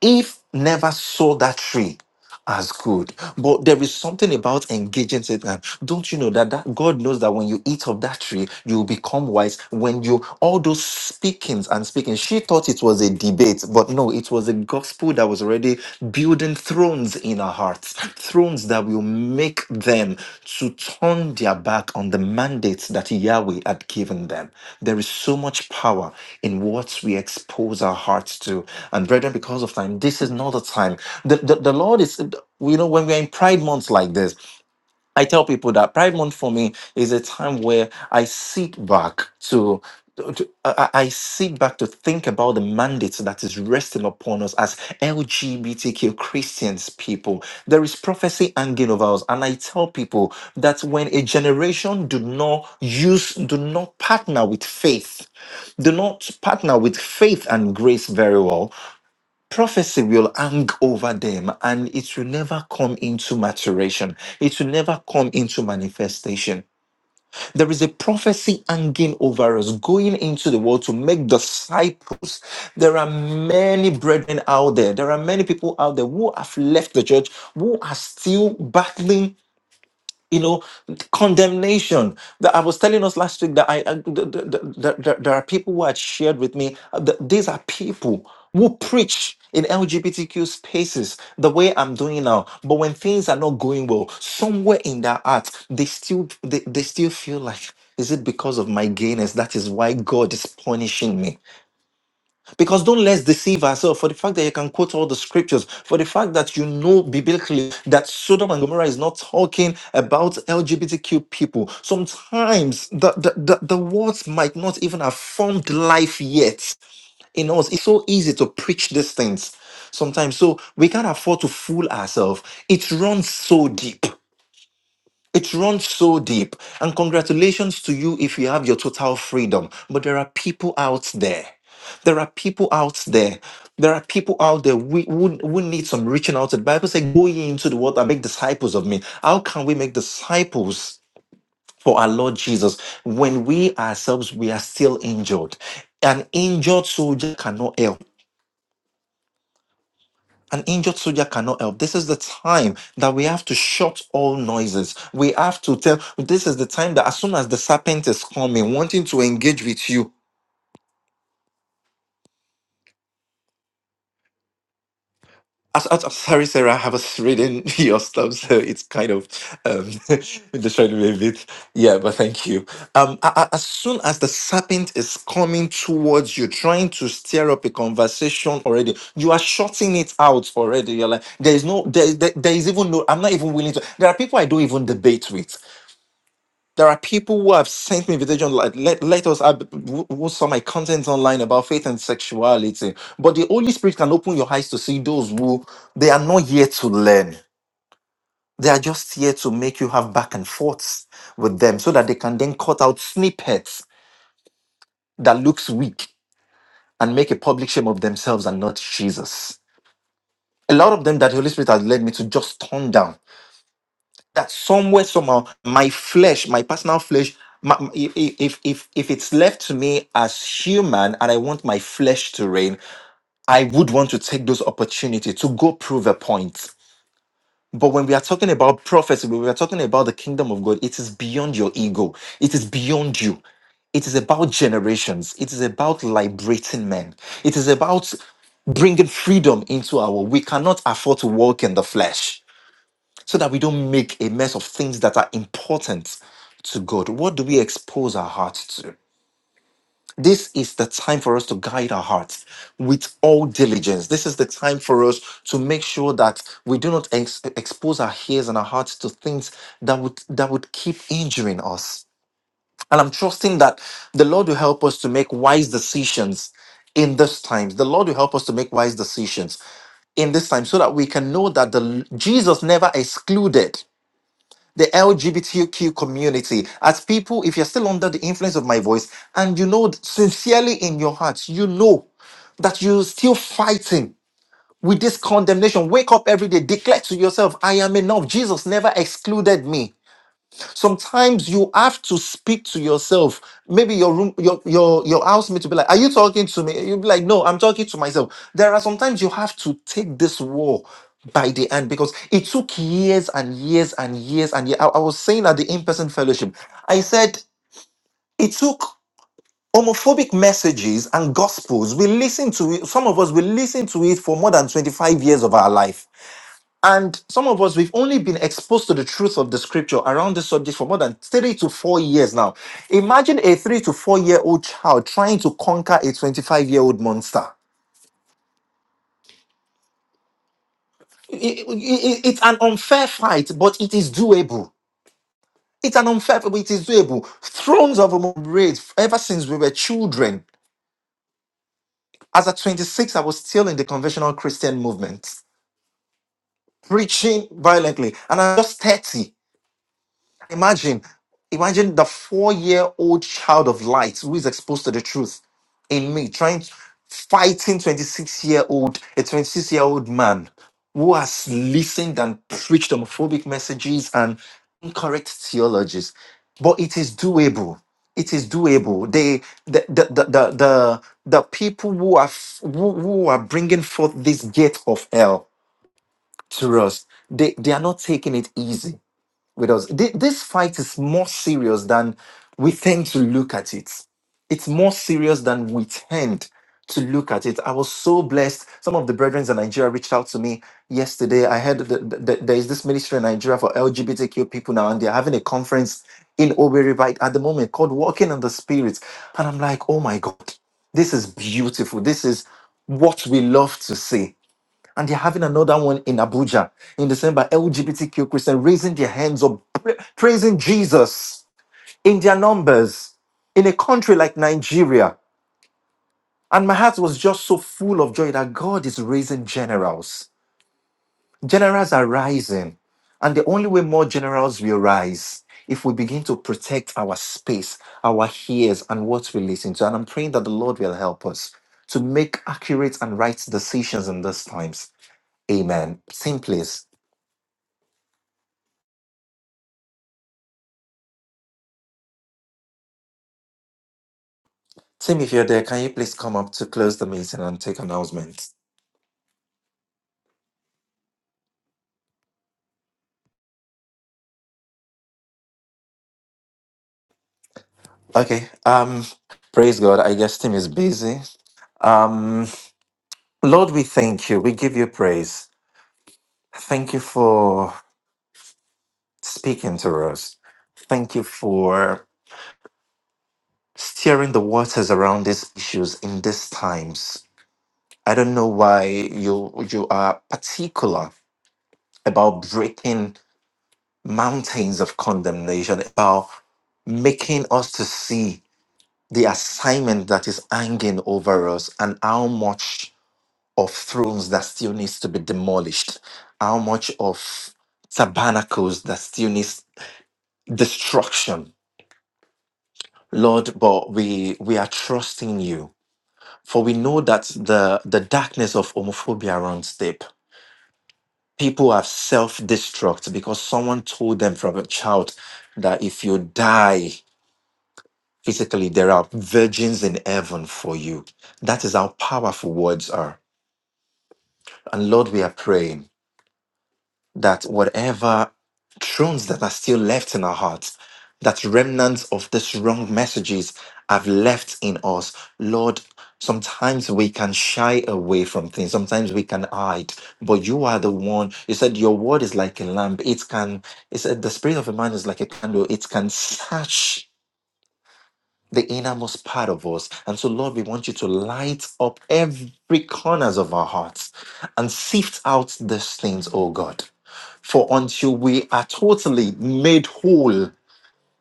Speaker 1: Eve never saw that tree as good, but there is something about engaging Satan. Don't you know that, that God knows that when you eat of that tree, you will become wise? When you all those speakings and speaking, she thought it was a debate, but no, it was a gospel that was already building thrones thrones in our hearts, thrones that will make them to turn their back on the mandates that Yahweh had given them. There is so much power in what we expose our hearts to. And brethren, because of time, this is not a time. The, the, the Lord is, you know, when we're in pride months like this, I tell people that Pride Month for me is a time where I sit back to, to- I I- I sit back to think about the mandate that is resting upon us as LGBTQ Christians people. There is prophecy hanging over us, and I tell people that when a generation do not use, do not partner with faith, do not partner with faith and grace very well prophecy will hang over them and it will never come into maturation. It will never come into manifestation. There is a prophecy hanging over us, going into the world to make disciples. There are many brethren out there. There are many people out there who have left the church, who are still battling you know condemnation that i was telling us last week that i uh, th- th- th- th- th- there are people who had shared with me uh, th- these are people who preach in lgbtq spaces the way i'm doing now but when things are not going well somewhere in their heart they still they, they still feel like is it because of my gayness that is why god is punishing me because don't let's deceive ourselves for the fact that you can quote all the scriptures, for the fact that you know biblically that Sodom and Gomorrah is not talking about LGBTQ people. Sometimes the, the, the, the words might not even have formed life yet in us. It's so easy to preach these things sometimes. So we can't afford to fool ourselves. It runs so deep. It runs so deep. And congratulations to you if you have your total freedom. But there are people out there. There are people out there. There are people out there we, who, who need some reaching out. to. The Bible says, Go ye into the world and make disciples of me. How can we make disciples for our Lord Jesus when we ourselves we are still injured? An injured soldier cannot help. An injured soldier cannot help. This is the time that we have to shut all noises. We have to tell. This is the time that as soon as the serpent is coming, wanting to engage with you. As, as, as- sorry, Sarah, I was reading [LAUGHS] your stuff, so it's kind of um, [LAUGHS] distracted me a bit. Yeah, but thank you. Um, a- a- as soon as the serpent is coming towards you, trying to stir up a conversation already, you are shutting it out already. You're like, there is no, there, there, there is even no. I'm not even willing to. There are people I don't even debate with. There are people who have sent me invitation like let, let us have who who saw my content online about faith and sexuality. But the Holy Spirit can open your eyes to see those who they are not here to learn. They are just here to make you have back and forths with them so that they can then cut out snippets that looks weak and make a public shame of themselves and not Jesus. A lot of them that the Holy Spirit has led me to just turn down that somewhere somehow my flesh my personal flesh my, my- if if if if it's left to me as human and i want my flesh to reign i would want to take those opportunity to go prove a point but when we are talking about prophecy when we are talking about the kingdom of god it is beyond your ego it is beyond you it is about generations it is about liberating men it is about bringing freedom into our we cannot afford to walk in the flesh so that we don't make a mess of things that are important to God. What do we expose our hearts to? This is the time for us to guide our hearts with all diligence. This is the time for us to make sure that we do not ex- expose our ears and our hearts to things that would that would keep injuring us. And I'm trusting that the Lord will help us to make wise decisions in this time. The Lord will help us to make wise decisions in this time so that we can know that the Jesus never excluded the LGBTQ community, as people, if you're still under the influence of my voice, and you know sincerely in your heart, you know that you're still fighting with this condemnation, wake up every day, declare to yourself, I am enough. Jesus never excluded me. Sometimes you have to speak to yourself. Maybe your room, your your your housemate will be like, "Are you talking to me?" You'll be like, "No, I'm talking to myself." There are sometimes you have to take this war by the end because it took years and years and years and years. I, I was saying at the in-person fellowship, I said it took homophobic messages and gospels. We listen to it. Some of us we listen to it for more than 25 years of our life and some of us, we've only been exposed to the truth of the scripture around this subject for more than three to four years now. Imagine a three to four year old child trying to conquer a 25 year old monster. I- I- I- it's an unfair fight, but it is doable. It's an unfair fight, but it is doable. Thrones of Ombre, ever since we were children, as at 26, I was still in the conventional Christian movement, preaching violently, and I'm just 30. Imagine, imagine the four-year-old child of light who is exposed to the truth in me, trying fighting 26-year-old, a 26-year-old man who has listened and preached homophobic messages and incorrect theologies. But it is doable. It is doable. They, the, the, the, the, the, the people who are f- who, who are bringing forth this gate of hell to us, they, they are not taking it easy with us. Thi- This fight is more serious than we tend to look at it. It's more serious than we tend to look at it. I was so blessed. Some of the brethren in Nigeria reached out to me yesterday. I heard that, that- that there is this ministry in Nigeria for LGBTQ people now, and they're having a conference in Owerri right at the moment called Walking on the Spirit. And I'm like, oh my God, this is beautiful. This is what we love to see and they're having another one in Abuja in December. LGBTQ Christian raising their hands up, pra- praising Jesus in their numbers in a country like Nigeria. And my heart was just so full of joy that God is raising generals. Generals are rising. And the only way more generals will rise if we begin to protect our space, our ears, and what we listen to. And I'm praying that the Lord will help us to make accurate and right decisions in these times. Amen. Simply. Tim, if you're there, can you please come up to close the meeting and take announcements? Okay. Um, praise God. I guess Tim is busy. Um, Lord, we thank you. We give you praise. Thank you for speaking to us. Thank you for steering the waters around these issues in these times. I don't know why you you are particular about breaking mountains of condemnation, about making us to see the assignment that is hanging over us and how much of thrones that still needs to be demolished, how much of tabernacles that still needs destruction. Lord, but we we are trusting you. For we know that the, the darkness of homophobia runs deep. People have self-destruct because someone told them from a child that if you die physically, there are virgins in heaven for you. That is how powerful words are And Lord, we are praying that whatever thrones that are still left in our hearts, that remnants of these wrong messages have left in us, Lord, sometimes we can shy away from things, sometimes we can hide, but you are the one. You said your word is like a lamp. It can, it said the spirit of a man is like a candle. It can search the innermost part of us. And so, Lord, we want you to light up every corners of our hearts and sift out these things, oh God. For until we are totally made whole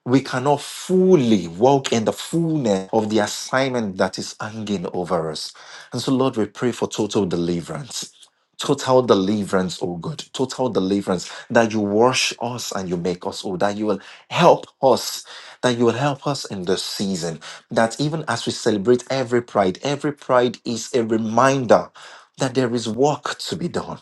Speaker 1: we cannot fully walk in the fullness of the assignment that is hanging over us. And so, Lord, we pray for total deliverance. Total deliverance, oh God. Total deliverance that you wash us and you make us, oh, that you will help us, that you will help us in this season. That even as we celebrate every pride, every pride is a reminder that there is work to be done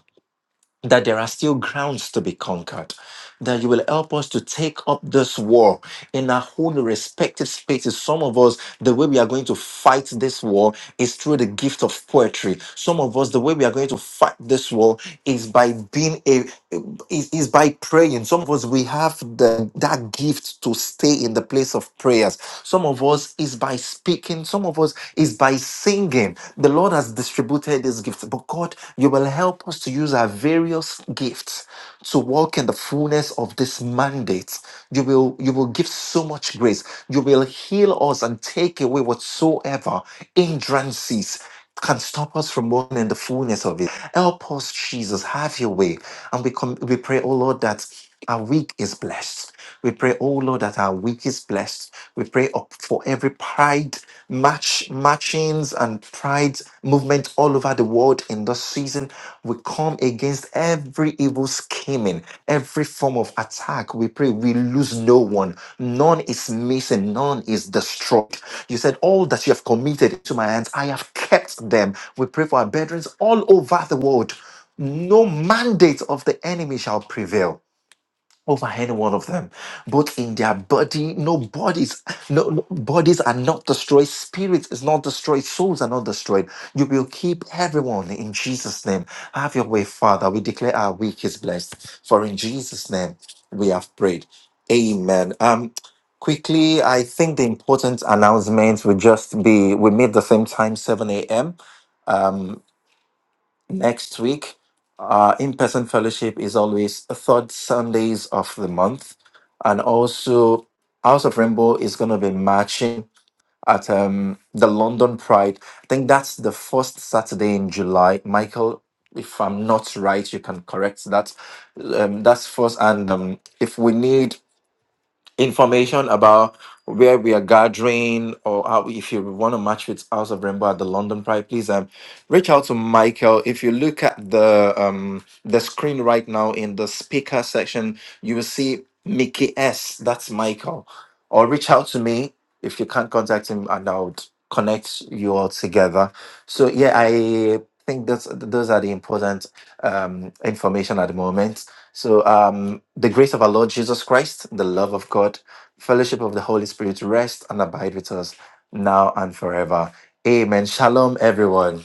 Speaker 1: that there are still grounds to be conquered, that you will help us to take up this war in our own respective spaces. Some of us, the way we are going to fight this war is through the gift of poetry. Some of us, the way we are going to fight this war is by being a is, is by praying. Some of us we have the that gift to stay in the place of prayers. Some of us is by speaking, some of us is by singing. The Lord has distributed these gifts, but God, you will help us to use our various gifts to walk in the fullness of this mandate. You will you will give so much grace. You will heal us and take away whatsoever hindrances can stop us from walking in the fullness of it. Help us, Jesus, have your way. And we come, we pray, oh Lord, that our week is blessed. We pray, oh Lord, that our week is blessed. We pray up for every pride match matchings and pride movement all over the world in this season. We come against every evil scheming, every form of attack. We pray we lose no one. None is missing, none is destroyed. You said, All that you have committed to my hands, I have kept them. We pray for our brethren all over the world. No mandate of the enemy shall prevail over any one of them both in their body no bodies no, no- bodies are not destroyed spirits is not destroyed souls are not destroyed you will keep everyone in jesus name have your way father we declare our week is blessed for in jesus name we have prayed amen um quickly i think the important announcements will just be we meet the same time 7 a.m um, next week, our in person fellowship is always the third Sundays of the month. And also, House of Rainbow is going to be marching at um, the London Pride. I think that's the first Saturday in July. Michael, if I'm not right, you can correct that. Um, that's first. And um, if we need information about where we are gathering or how, if you want to match with House of Rainbow at the London Pride, please um, reach out to Michael. If you look at the um, the screen right now in the speaker section, you will see Mickey S. That's Michael. Or reach out to me if you can't contact him, and I'll connect you all together. So yeah, I think that's those are the important um, information at the moment. So, um, the grace of our Lord Jesus Christ, the love of God, fellowship of the Holy Spirit rest and abide with us now and forever. Amen. Shalom, everyone.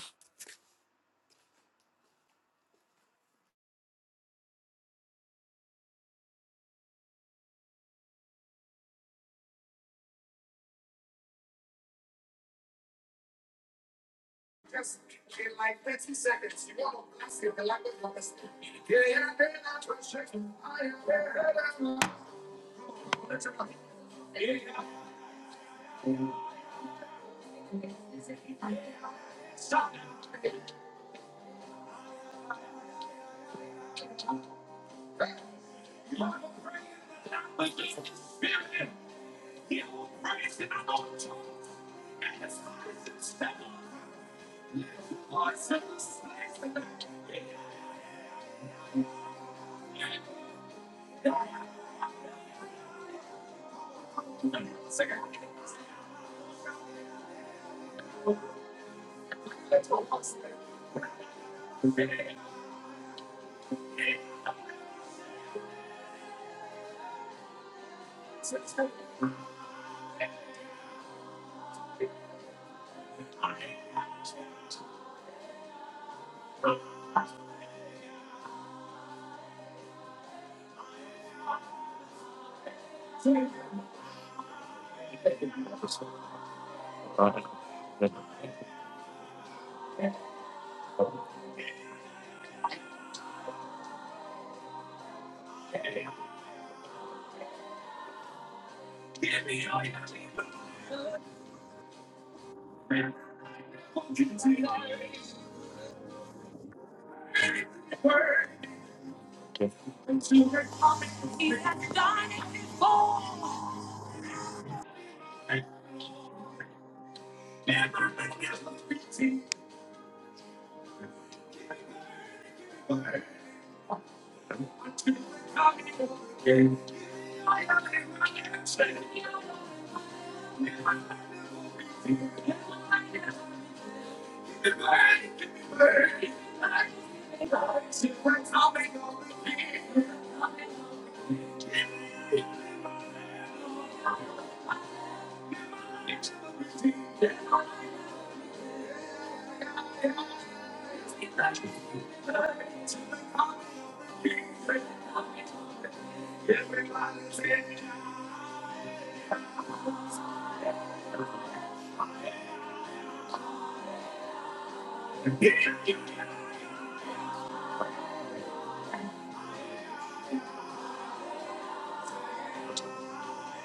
Speaker 4: He has done it before.